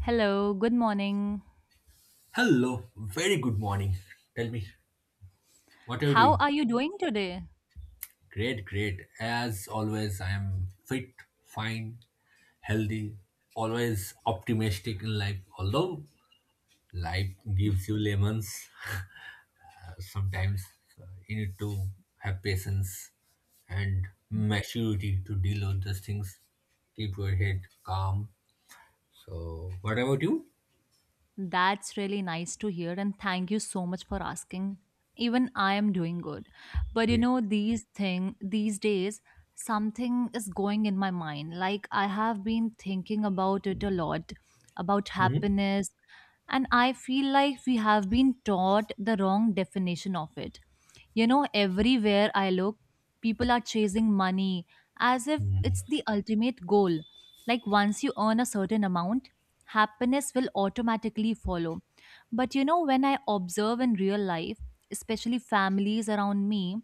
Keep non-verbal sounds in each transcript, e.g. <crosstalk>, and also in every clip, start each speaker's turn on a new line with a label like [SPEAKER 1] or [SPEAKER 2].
[SPEAKER 1] Hello, good morning.
[SPEAKER 2] Hello, very good morning. Tell me, what are you
[SPEAKER 1] How
[SPEAKER 2] doing?
[SPEAKER 1] are you doing today?
[SPEAKER 2] Great, great. As always, I am fit, fine, healthy, always optimistic in life. Although life gives you lemons, sometimes you need to have patience and maturity to deal with those things. Keep your head calm. So, what about you?
[SPEAKER 1] That's really nice to hear, and thank you so much for asking. Even I am doing good. But
[SPEAKER 2] Great.
[SPEAKER 1] these days, something is going in my mind. Like I have been thinking about it a lot, about
[SPEAKER 2] Mhm.
[SPEAKER 1] happiness, and I feel like we have been taught the wrong definition of it. Everywhere I look, people are chasing money as if it's the ultimate goal. Like once you earn a certain amount, happiness will automatically follow. But when I observe in real life, especially families around me,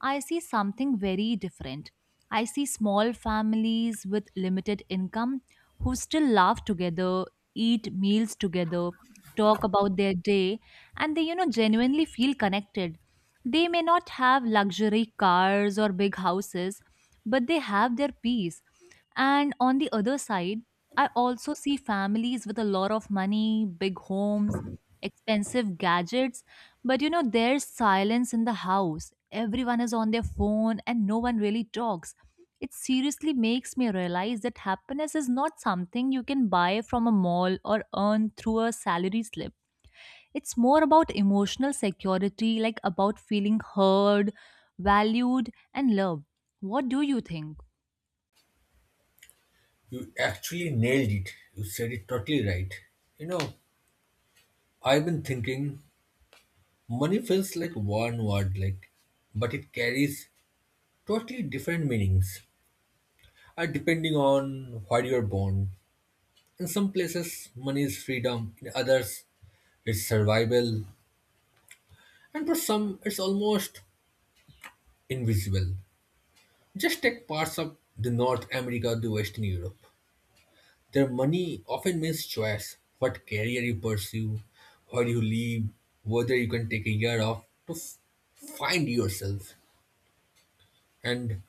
[SPEAKER 1] I see something very different. I see small families with limited income who still laugh together, eat meals together, talk about their day, and they, genuinely feel connected. They may not have luxury cars or big houses, but they have their peace. And on the other side, I also see families with a lot of money, big homes, expensive gadgets, but there's silence in the house. Everyone is on their phone and no one really talks. It seriously makes me realize that happiness is not something you can buy from a mall or earn through a salary slip. It's more about emotional security, like about feeling heard, valued, and loved. What do you think?
[SPEAKER 2] You actually nailed it. You said it totally right. You know, I've been thinking money feels like one word, like, but it carries totally different meanings, depending on where you're born. In some places, money is freedom; in others, it's survival, and for some, it's almost invisible. Just take parts of the North America, the Western Europe. Their money often means choice, what career you pursue, where you live, whether you can take a year off to find yourself. And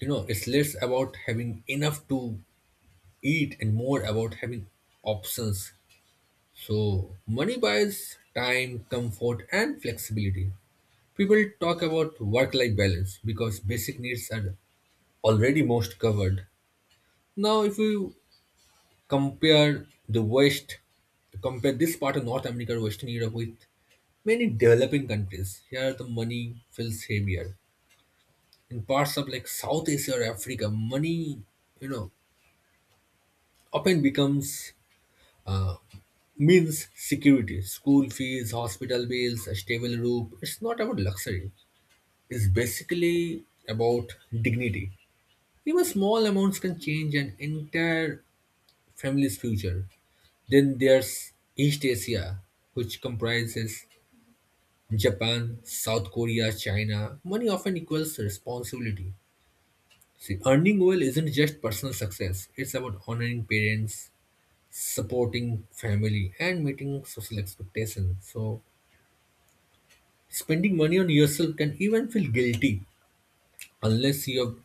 [SPEAKER 2] you know, it's less about having enough to eat and more about having options. So money buys time, comfort, and flexibility. People talk about work life balance because basic needs are already most covered. Now if you compare the west, compare this part of North America or Western Europe with many developing countries, here the money feels heavier. In parts of like South Asia or Africa, money, you know, often becomes, uh, means security, school fees, hospital bills, a stable roof. It's not about luxury. It's basically about dignity. Even small amounts can change an entire family's future. Then there's East Asia, which comprises Japan, South Korea, China. Money often equals responsibility. See, earning well isn't just personal success, it's about honoring parents, supporting family, and meeting social expectations. So spending money on yourself can even feel guilty unless you have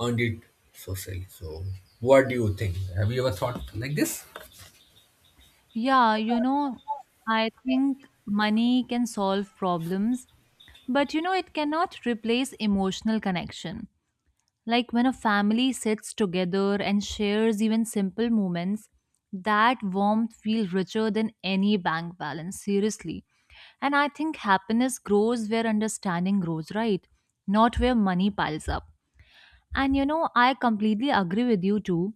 [SPEAKER 2] earned it socially. So what do you think? Have you ever thought like this?
[SPEAKER 1] Yeah, I think money can solve problems, but it cannot replace emotional connection. Like when a family sits together and shares even simple moments, that warmth feels richer than any bank balance, seriously. And I think happiness grows where understanding grows, right? Not where money piles up. And I completely agree with you too.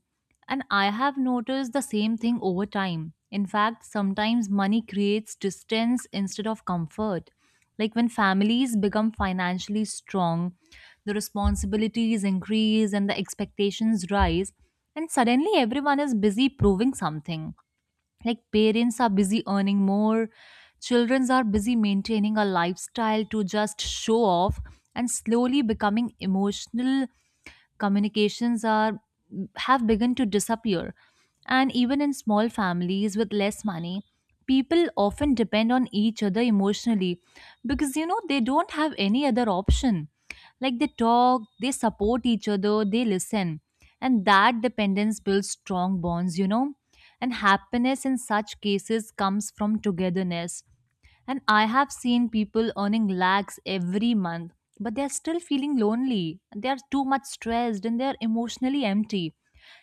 [SPEAKER 1] And I have noticed the same thing over time. In fact, sometimes money creates distance instead of comfort. Like when families become financially strong, the responsibilities increase and the expectations rise, and suddenly everyone is busy proving something. Like parents are busy earning more, children are busy maintaining a lifestyle to just show off, and slowly becoming emotional communications are have begun to disappear. And even in small families with less money, people often depend on each other emotionally because they don't have any other option. Like they talk, they support each other, they listen. And that dependence builds strong bonds. And happiness in such cases comes from togetherness. And I have seen people earning lakhs every month, but they're still feeling lonely. They're too much stressed and they're emotionally empty.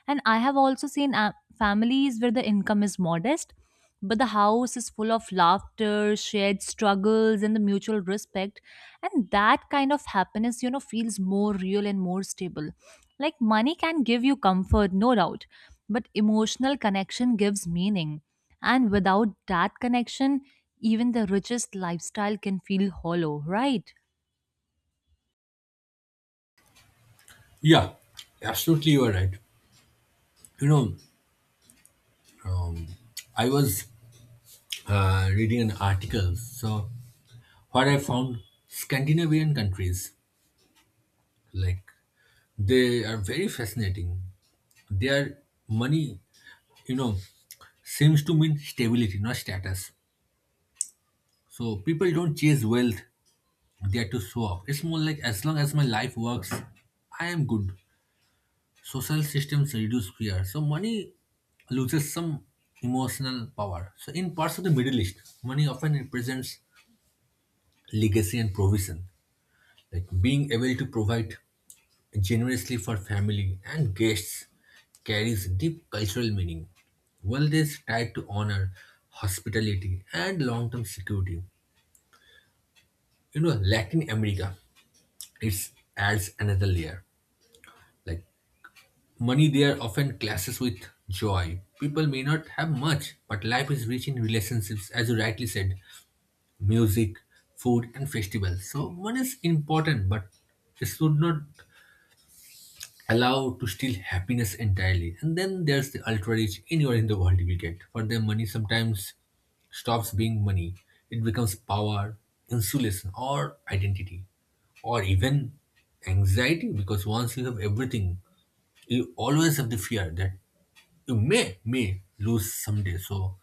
[SPEAKER 1] And I have also seen families where the income is modest, but the house is full of laughter, shared struggles, and the mutual respect. And that kind of happiness, feels more real and more stable. Like money can give you comfort, no doubt, but emotional connection gives meaning. And without that connection, even the richest lifestyle can feel hollow, right?
[SPEAKER 2] Yeah, absolutely, you are right. You know, um, I was reading an article. So what I found, Scandinavian countries, like, they are very fascinating. Their money, you know, seems to mean stability, not status. So people don't chase wealth, they are to show off. It's more like, as long as my life works, I am good. Social systems reduce fear. So money loses some emotional power. So in parts of the Middle East, money often represents legacy and provision. Like being able to provide generously for family and guests carries deep cultural meaning. Wealth is tied to honor, hospitality, and long term security. You know, Latin America, it adds another layer. Like money there often clashes with joy. People may not have much, but life is rich in relationships, as you rightly said, music, food, and festivals. So money is important, but it should not allow to steal happiness entirely. And then there's the ultra rich anywhere in the world you will get. For them, money sometimes stops being money. It becomes power, insulation, or identity, or even anxiety, because once you have everything, you always have the fear that you may lose someday. So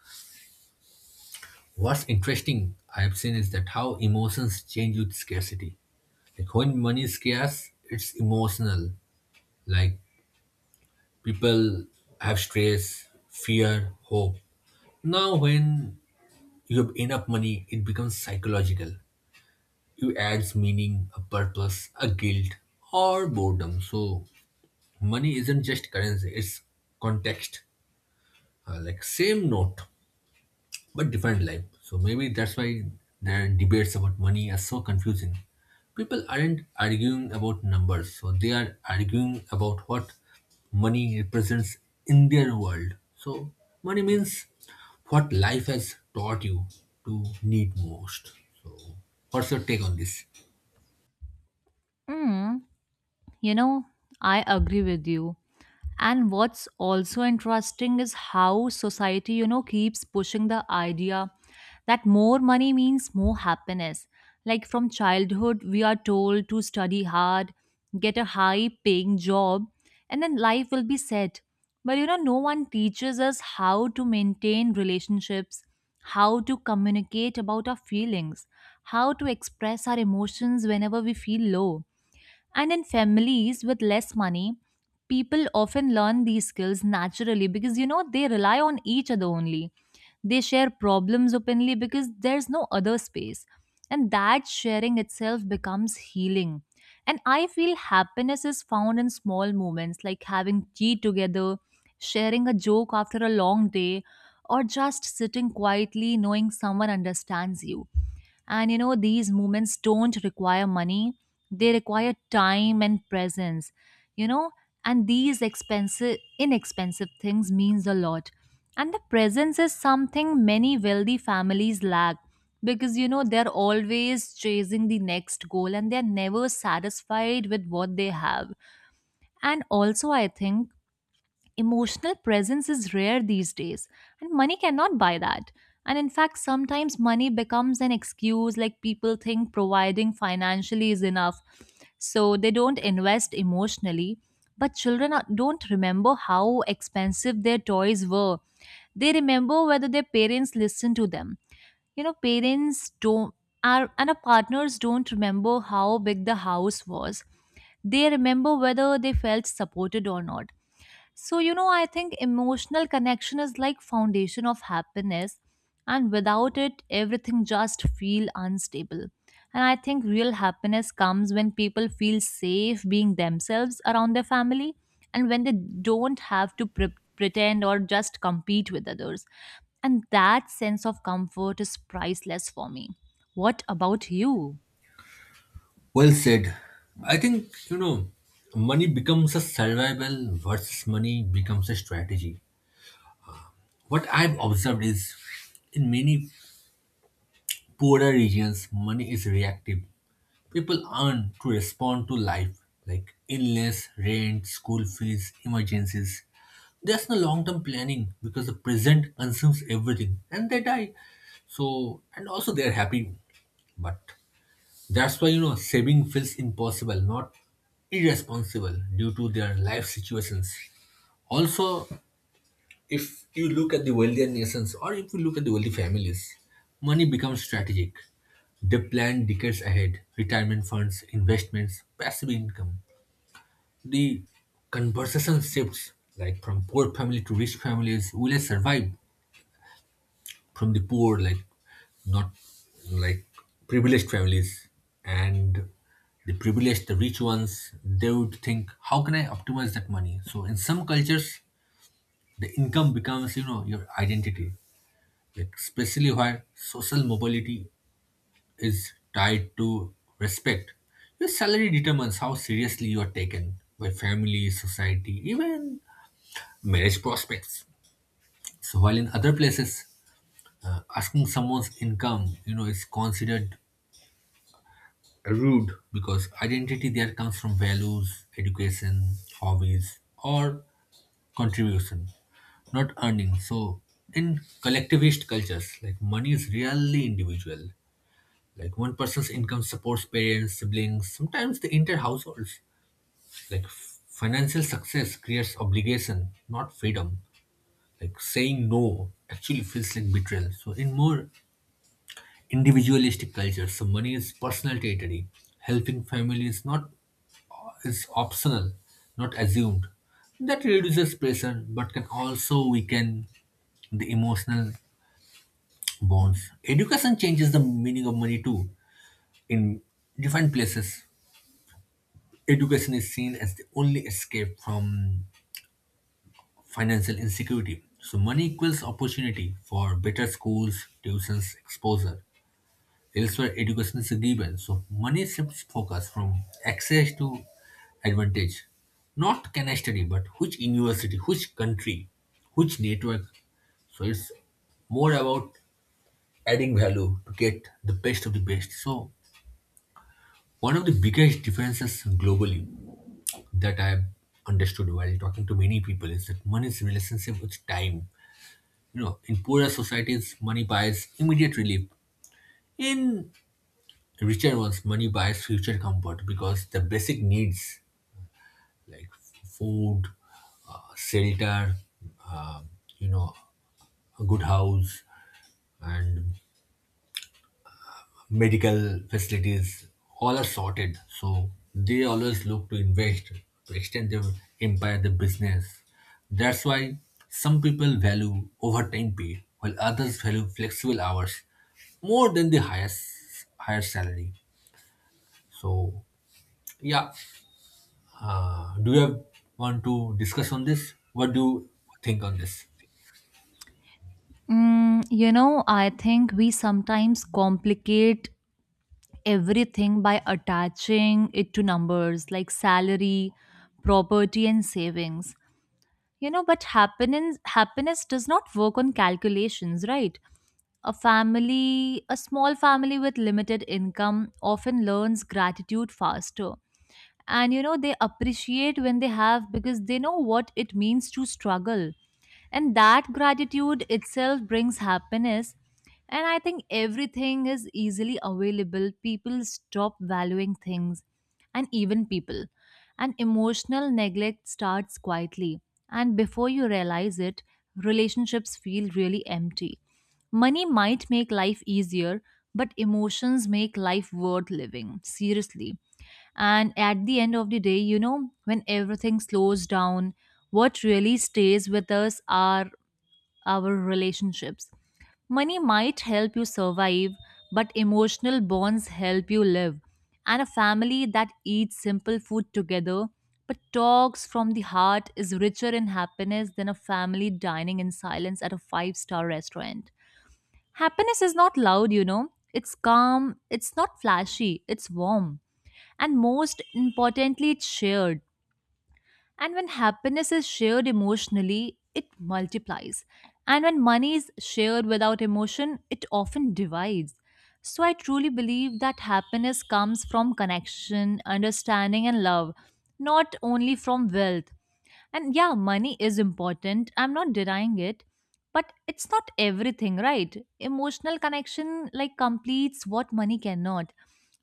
[SPEAKER 2] what's interesting I have seen is that how emotions change with scarcity. Like when money is scarce, it's emotional. Like people have stress, fear, hope. Now when you have enough money, it becomes psychological. You adds meaning, a purpose, a guilt, or boredom. So money isn't just currency, it's context. Like same note but different life. So maybe that's why their debates about money are so confusing. People aren't arguing about numbers, so they are arguing about what money represents in their world. So money means what life has taught you to need most. So what's your take on this?
[SPEAKER 1] Mm. You know, I agree with you. And what's also interesting is how society, keeps pushing the idea that more money means more happiness. Like from childhood, we are told to study hard, get a high paying job, and then life will be set. But no one teaches us how to maintain relationships, how to communicate about our feelings, how to express our emotions whenever we feel low. And in families with less money, people often learn these skills naturally because they rely on each other only. They share problems openly because there's no other space. And that sharing itself becomes healing. And I feel happiness is found in small moments like having tea together, sharing a joke after a long day, or just sitting quietly knowing someone understands you. And these movements don't require money, they require time and presence, you know, and these expensive, inexpensive things means a lot. And the presence is something many wealthy families lack because they're always chasing the next goal and they're never satisfied with what they have. And also, I think emotional presence is rare these days, and money cannot buy that. And in fact, sometimes money becomes an excuse, like people think providing financially is enough. So they don't invest emotionally. But children don't remember how expensive their toys were. They remember whether their parents listened to them. You know parents don't our and our partners don't remember how big the house was. They remember whether they felt supported or not. So, I think emotional connection is like foundation of happiness, and without it everything just feel unstable. And I think real happiness comes when people feel safe being themselves around their family and when they don't have to pretend or just compete with others. And that sense of comfort is priceless for me. What about you?
[SPEAKER 2] Well said. I think, you know, money becomes a survival versus money becomes a strategy. What I've observed is in many poorer regions, money is reactive. People earn to respond to life, like illness, rent, school fees, emergencies. There's no long term planning because the present consumes everything and they die. So, and also they're happy. But that's why, you know, saving feels impossible, not irresponsible, due to their life situations. Also, if you look at the wealthier nations, or if you look at the wealthy families, money becomes strategic. They plan decades ahead, retirement funds, investments, passive income. The conversation shifts, like from poor family to rich families. Will I survive? From the poor, like not like privileged families? And the privileged, the rich ones, they would think, how can I optimize that money? So in some cultures, the income becomes, you know, your identity, like especially where social mobility is tied to respect. Your salary determines how seriously you are taken by family, society, even marriage prospects. So while in other places, asking someone's income, you know, is considered rude, because identity there comes from values, education, hobbies, or contribution, not earning. So in collectivist cultures, like money is rarely individual. Like one person's income supports parents, siblings, sometimes the entire households. Like financial success creates obligation, not freedom. Like saying no actually feels like betrayal. So in more individualistic cultures, so money is personal territory. Helping family is not is optional, not assumed. That reduces pressure, but can also weaken the emotional bonds. Education changes the meaning of money too. In different places, education is seen as the only escape from financial insecurity. So money equals opportunity for better schools, tuitions, exposure. Elsewhere, education is a given. So money shifts focus from access to advantage. Not can I study, but which university, which country, which network. So it's more about adding value to get the best of the best. So one of the biggest differences globally that I understood while talking to many people is that money's relationship with time. You know, in poorer societies, money buys immediate relief. In richer ones, money buys future comfort, because the basic needs, like food, shelter, uh, you know, a good house, and medical facilities, all are sorted. So they always look to invest to extend their empire, their business. That's why some people value overtime pay while others value flexible hours more than the highest higher salary. So yeah, do you have, want to discuss on this? What do you think on this?
[SPEAKER 1] I think we sometimes complicate everything by attaching it to numbers like salary, property, and savings. But happiness does not work on calculations, right? A small family with limited income often learns gratitude faster, and they appreciate when they have because they know what it means to struggle. And that gratitude itself brings happiness. And I think everything is easily available, people stop valuing things, and even people, and emotional neglect starts quietly, and before you realize it, relationships feel really empty. Money might make life easier, but emotions make life worth living, seriously. And at the end of the day, when everything slows down, what really stays with us are our relationships. Money might help you survive, but emotional bonds help you live. And a family that eats simple food together but talks from the heart is richer in happiness than a family dining in silence at a five-star restaurant. Happiness is not loud. It's calm, it's not flashy, it's warm. And most importantly, it's shared. And when happiness is shared emotionally, it multiplies. And when money is shared without emotion, it often divides. So I truly believe that happiness comes from connection, understanding, and love, not only from wealth. And yeah, money is important. I'm not denying it, but it's not everything, right? Emotional connection like completes what money cannot.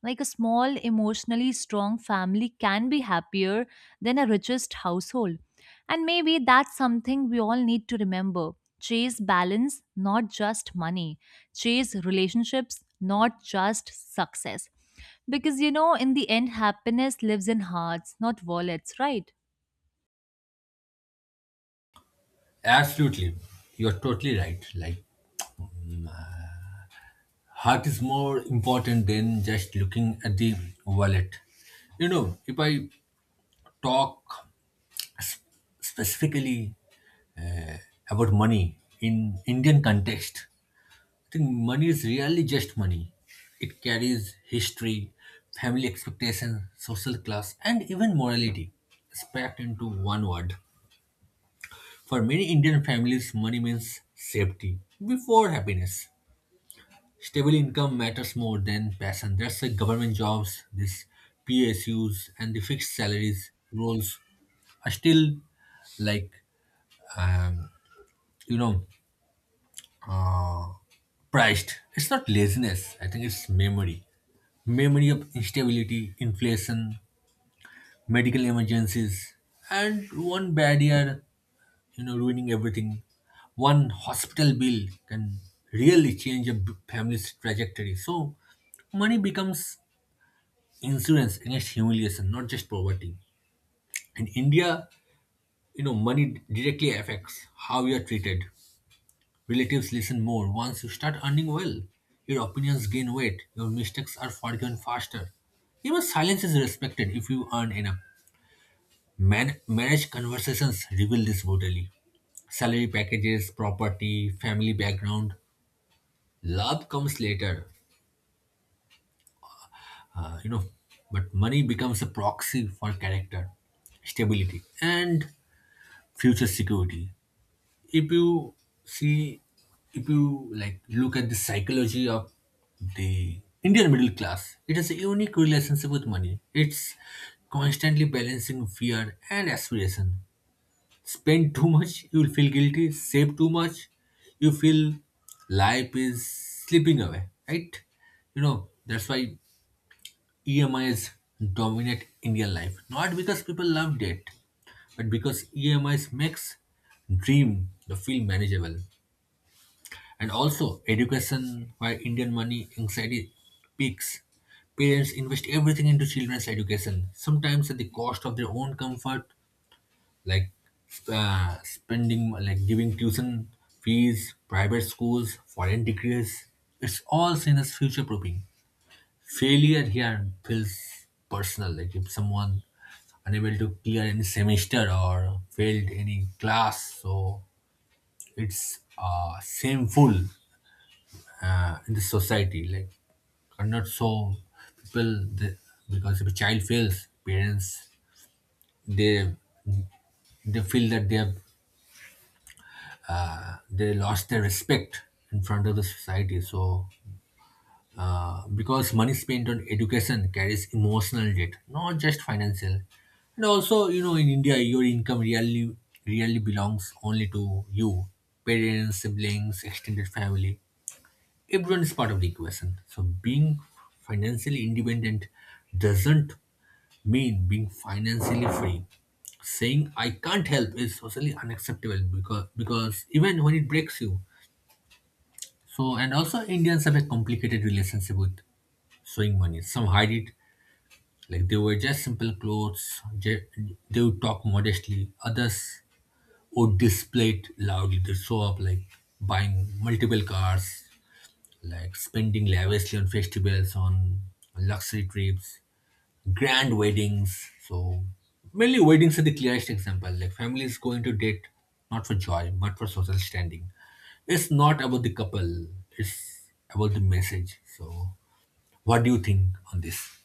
[SPEAKER 1] Like a small, emotionally strong family can be happier than a richest household. And maybe that's something we all need to remember. Chase balance, not just money. Chase relationships, not just success. Because in the end, happiness lives in hearts, not wallets, right?
[SPEAKER 2] Absolutely, you are totally right. Like heart is more important than just looking at the wallet. You know, if I talk s- specifically about money in Indian context, I think money is really just money. It carries history, family expectation, social class, and even morality. It's packed into one word. For many Indian families, money means safety before happiness. Stable income matters more than passion. That's why government jobs, these PSUs, and the fixed salaries roles are still, like, um, you know, uh, priced. It's not laziness. I think it's memory, memory of instability, inflation, medical emergencies, and one bad year, you know, ruining everything. One hospital bill can really change a family's trajectory. So money becomes insurance against humiliation, not just poverty. In India, you know, money directly affects how you are treated. Relatives listen more once you start earning well. Your opinions gain weight. Your mistakes are forgiven faster. Even silence is respected if you earn enough. Marriage conversations reveal this brutally. Salary packages, property, family background, love comes later. You know, but money becomes a proxy for character, stability, and future security. If you see, if you like look at the psychology of the Indian middle class, it has a unique relationship with money. It's constantly balancing fear and aspiration. Spend too much, you will feel guilty. Save too much, you feel life is slipping away, right? You know, that's why EMIs dominate Indian life, not because people love debt, but because EMIs makes dream the feel manageable. And also education, where Indian money anxiety peaks. Parents invest everything into children's education, sometimes at the cost of their own comfort, like, spending, like giving tuition fees, private schools, foreign degrees. It's all seen as future proofing. Failure here feels personal, like if someone unable to clear any semester or failed any class, so it's shameful in the society. Like are not so people they, because if a child fails, parents they they feel that they have, they lost their respect in front of the society. So because money spent on education carries emotional debt, not just financial. And also, you know, in India, your income really, really belongs only to you, parents, siblings, extended family. Everyone is part of the equation. So being financially independent doesn't mean being financially free. Saying I can't help is socially unacceptable because even when it breaks you. So and also Indians have a complicated relationship with showing money. Some hide it, like they were just simple clothes. They would talk modestly. Others would display it loudly. They show up like buying multiple cars, like spending lavishly on festivals, on luxury trips, grand weddings. So mainly weddings are the clearest example. Like families going to date not for joy but for social standing. It's not about the couple. It's about the message. So what do you think on this?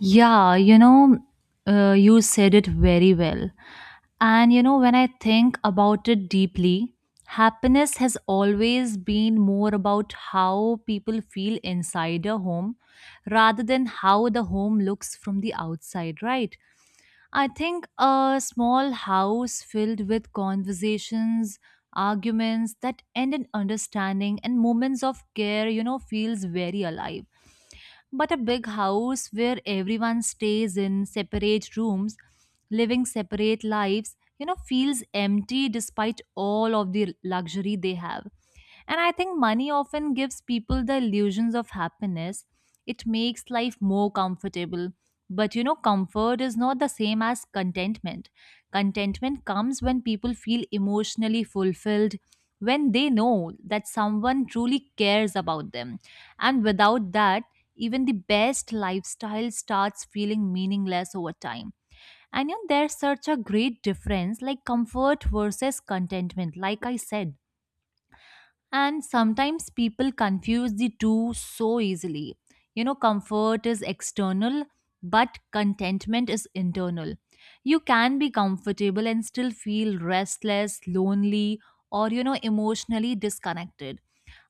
[SPEAKER 1] Yeah, you said it very well. And when I think about it deeply, happiness has always been more about how people feel inside a home rather than how the home looks from the outside, right? I think a small house filled with conversations, arguments that end in understanding and moments of care, feels very alive. But a big house where everyone stays in separate rooms, living separate lives, feels empty despite all of the luxury they have. And I think money often gives people the illusions of happiness. It makes life more comfortable. But comfort is not the same as contentment. Contentment comes when people feel emotionally fulfilled, when they know that someone truly cares about them. And without that, even the best lifestyle starts feeling meaningless over time. And there's such a great difference like comfort versus contentment, like I said. And sometimes people confuse the two so easily. Comfort is external, but contentment is internal. You can be comfortable and still feel restless, lonely, or, emotionally disconnected.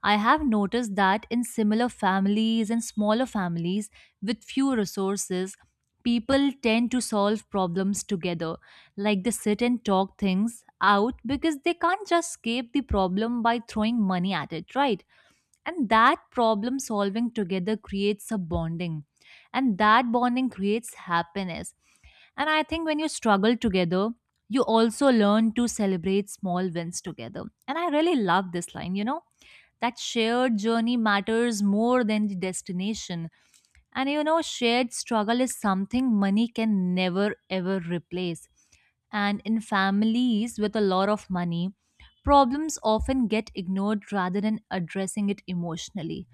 [SPEAKER 1] I have noticed that in similar families and smaller families with few resources, people tend to solve problems together, like they sit and talk things out because they can't just escape the problem by throwing money at it, right? And that problem solving together creates a bonding, and that bonding creates happiness. And I think when you struggle together, you also learn to celebrate small wins together. And I really love this line, that shared journey matters more than the destination. And shared struggle is something money can never ever replace. And in families with a lot of money, problems often get ignored rather than addressing it emotionally.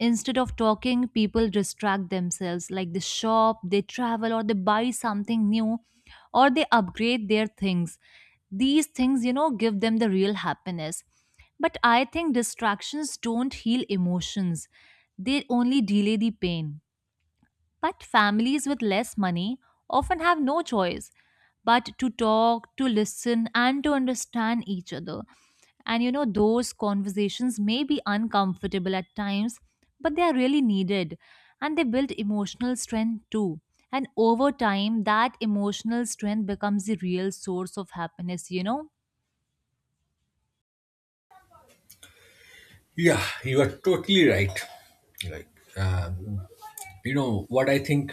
[SPEAKER 1] Instead of talking, people distract themselves, like they shop, they travel, or they buy something new, or they upgrade their things. These things, give them the real happiness. But I think distractions don't heal emotions, they only delay the pain. But families with less money often have no choice but to talk, to listen, and to understand each other. And those conversations may be uncomfortable at times, but they are really needed and they build emotional strength too. And over time, that emotional strength becomes the real source of happiness, you know?
[SPEAKER 2] Yeah, you are totally right. Like, um, you know, what I think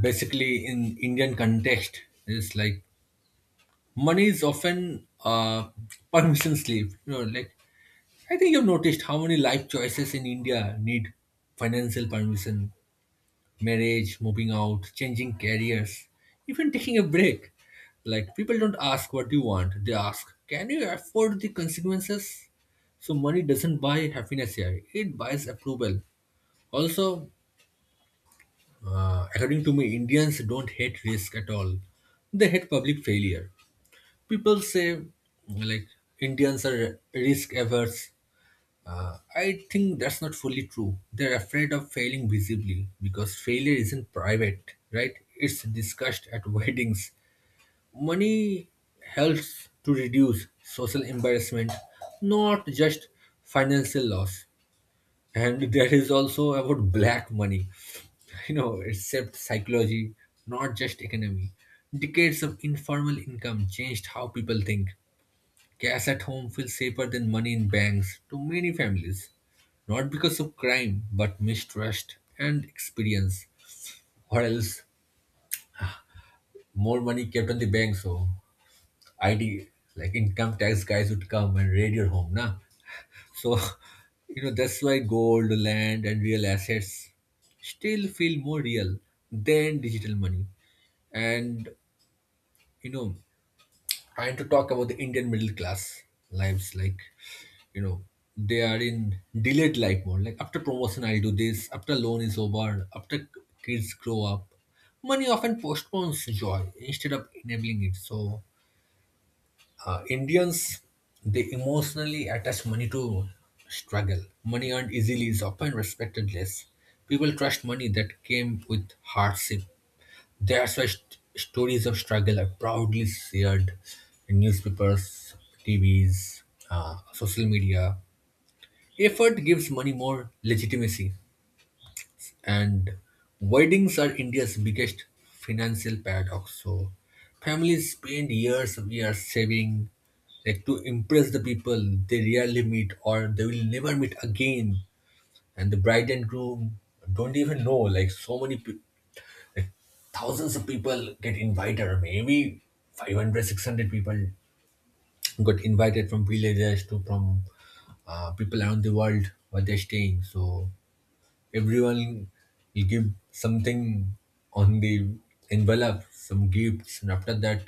[SPEAKER 2] basically in Indian context is like money is often permission slip. You know, like I think you've noticed how many life choices in India need financial permission, marriage, moving out, changing careers, even taking a break. Like people don't ask what you want; they ask, "Can you afford the consequences?" So money doesn't buy happiness here; it buys approval. Also, according to me, Indians don't hate risk at all. They hate public failure. People say like Indians are risk averse. I think that's not fully true. They're afraid of failing visibly because failure isn't private, right? It's discussed at <laughs> weddings. Money helps to reduce social embarrassment, not just financial loss. And there is also about black money, you know, it shaped psychology, not just economy. Decades of informal income changed how people think. Cash at home feels safer than money in banks to many families, not because of crime but mistrust and experience. Or else, more money kept on the bank, so id like income tax guys would come and raid your home, nah. So, <laughs> you know, that's why gold, land, and real assets still feel more real than digital money. And, you know, trying to talk about the Indian middle class lives, you know, they are in delayed life mode. Like, after promotion, I'll do this. After loan is over. After kids grow up. Money often postpones joy instead of enabling it. So, Indians, they emotionally attach money to struggle. Money earned easily is often respected less. People trust money that came with hardship. That's why stories of struggle are proudly shared in newspapers, TVs, social media. Effort gives money more legitimacy. And weddings are India's biggest financial paradox. So families spend years and years saving, like to impress the people they rarely meet or they will never meet again. And the bride and groom don't even know, like so many thousands of people get invited, or maybe 500, 600 people got invited from villages to from people around the world where they're staying. So everyone will give something on the envelope, some gifts, and after that,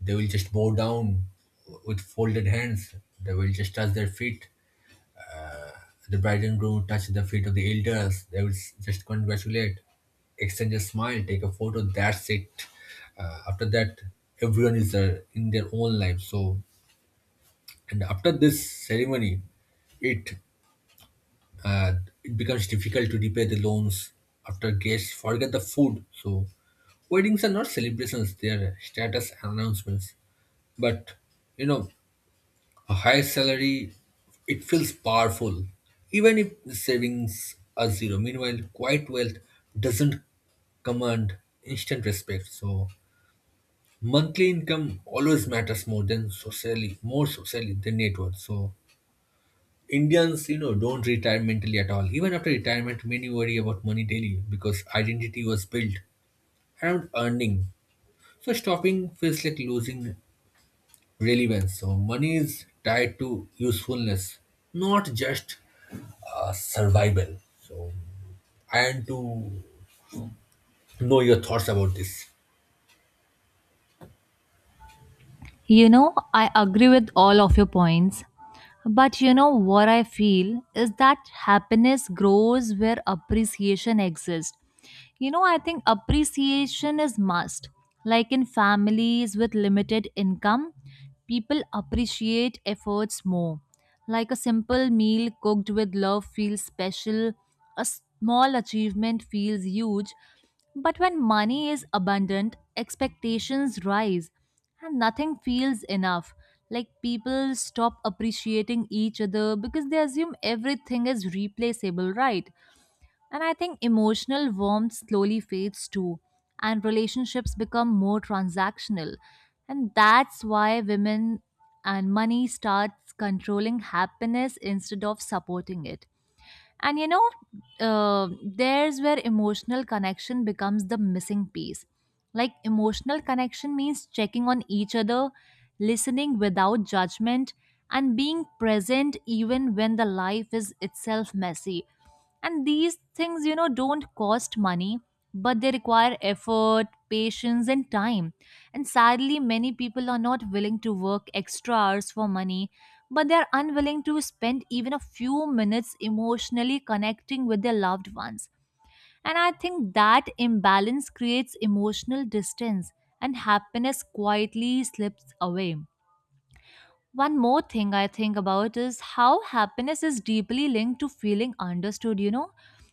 [SPEAKER 2] they will just bow down with folded hands. They will just touch their feet. The bride and groom touch the feet of the elders. They will just congratulate, exchange a smile, take a photo. That's it. After that, everyone is in their own life. So, and after this ceremony, it uh, it becomes difficult to repay the loans after guests forget the food. So, weddings are not celebrations, they are status announcements. But, you know, a high salary, it feels powerful, even if the savings are zero. Meanwhile, quiet wealth doesn't command instant respect. So, monthly income always matters more than socially, more socially than net worth. So, Indians, you know, don't retire mentally at all. Even after retirement, many worry about money daily because identity was built around earning. So stopping feels like losing relevance. So money is tied to usefulness, not just survival. So I want to know your thoughts about this.
[SPEAKER 1] I agree with all of your points. But you know what I feel is that happiness grows where appreciation exists. I think appreciation is must. Like in families with limited income, people appreciate efforts more. Like a simple meal cooked with love feels special, a small achievement feels huge. But when money is abundant, expectations rise and nothing feels enough. Like people stop appreciating each other because they assume everything is replaceable, right? And I think emotional warmth slowly fades too, and relationships become more transactional. And that's why women and money starts controlling happiness instead of supporting it. And there's where emotional connection becomes the missing piece. Like, emotional connection means checking on each other, listening without judgment, and being present even when the life is itself messy. And these things, don't cost money, but they require effort, patience, and time. And sadly, many people are not willing to work extra hours for money, but they are unwilling to spend even a few minutes emotionally connecting with their loved ones. And I think that imbalance creates emotional distance, and happiness quietly slips away. One more thing I think about is how happiness is deeply linked to feeling understood.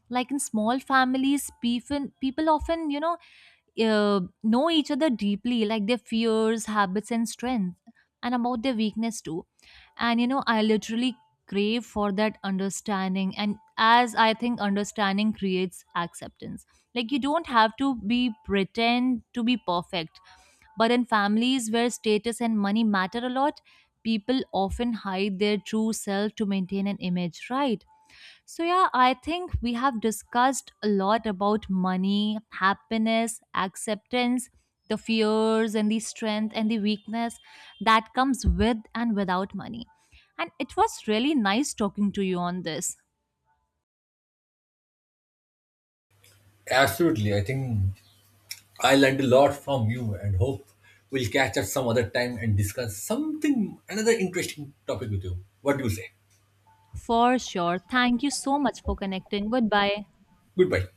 [SPEAKER 1] Like in small families, people often, know each other deeply, like their fears, habits, and strength, and about their weakness too. And, I literally crave for that understanding. And as I think understanding creates acceptance, like you don't have to be pretend to be perfect, but in families where status and money matter a lot, people often hide their true self to maintain an image, right? So, yeah, I think we have discussed a lot about money, happiness, acceptance, the fears, and the strength and the weakness that comes with and without money. And it was really nice talking to you on this.
[SPEAKER 2] Absolutely, I think I learned a lot from you, and hope we'll catch up some other time and discuss something another interesting topic with you. What do you say?
[SPEAKER 1] For sure. Thank you so much for connecting. Goodbye.
[SPEAKER 2] Goodbye.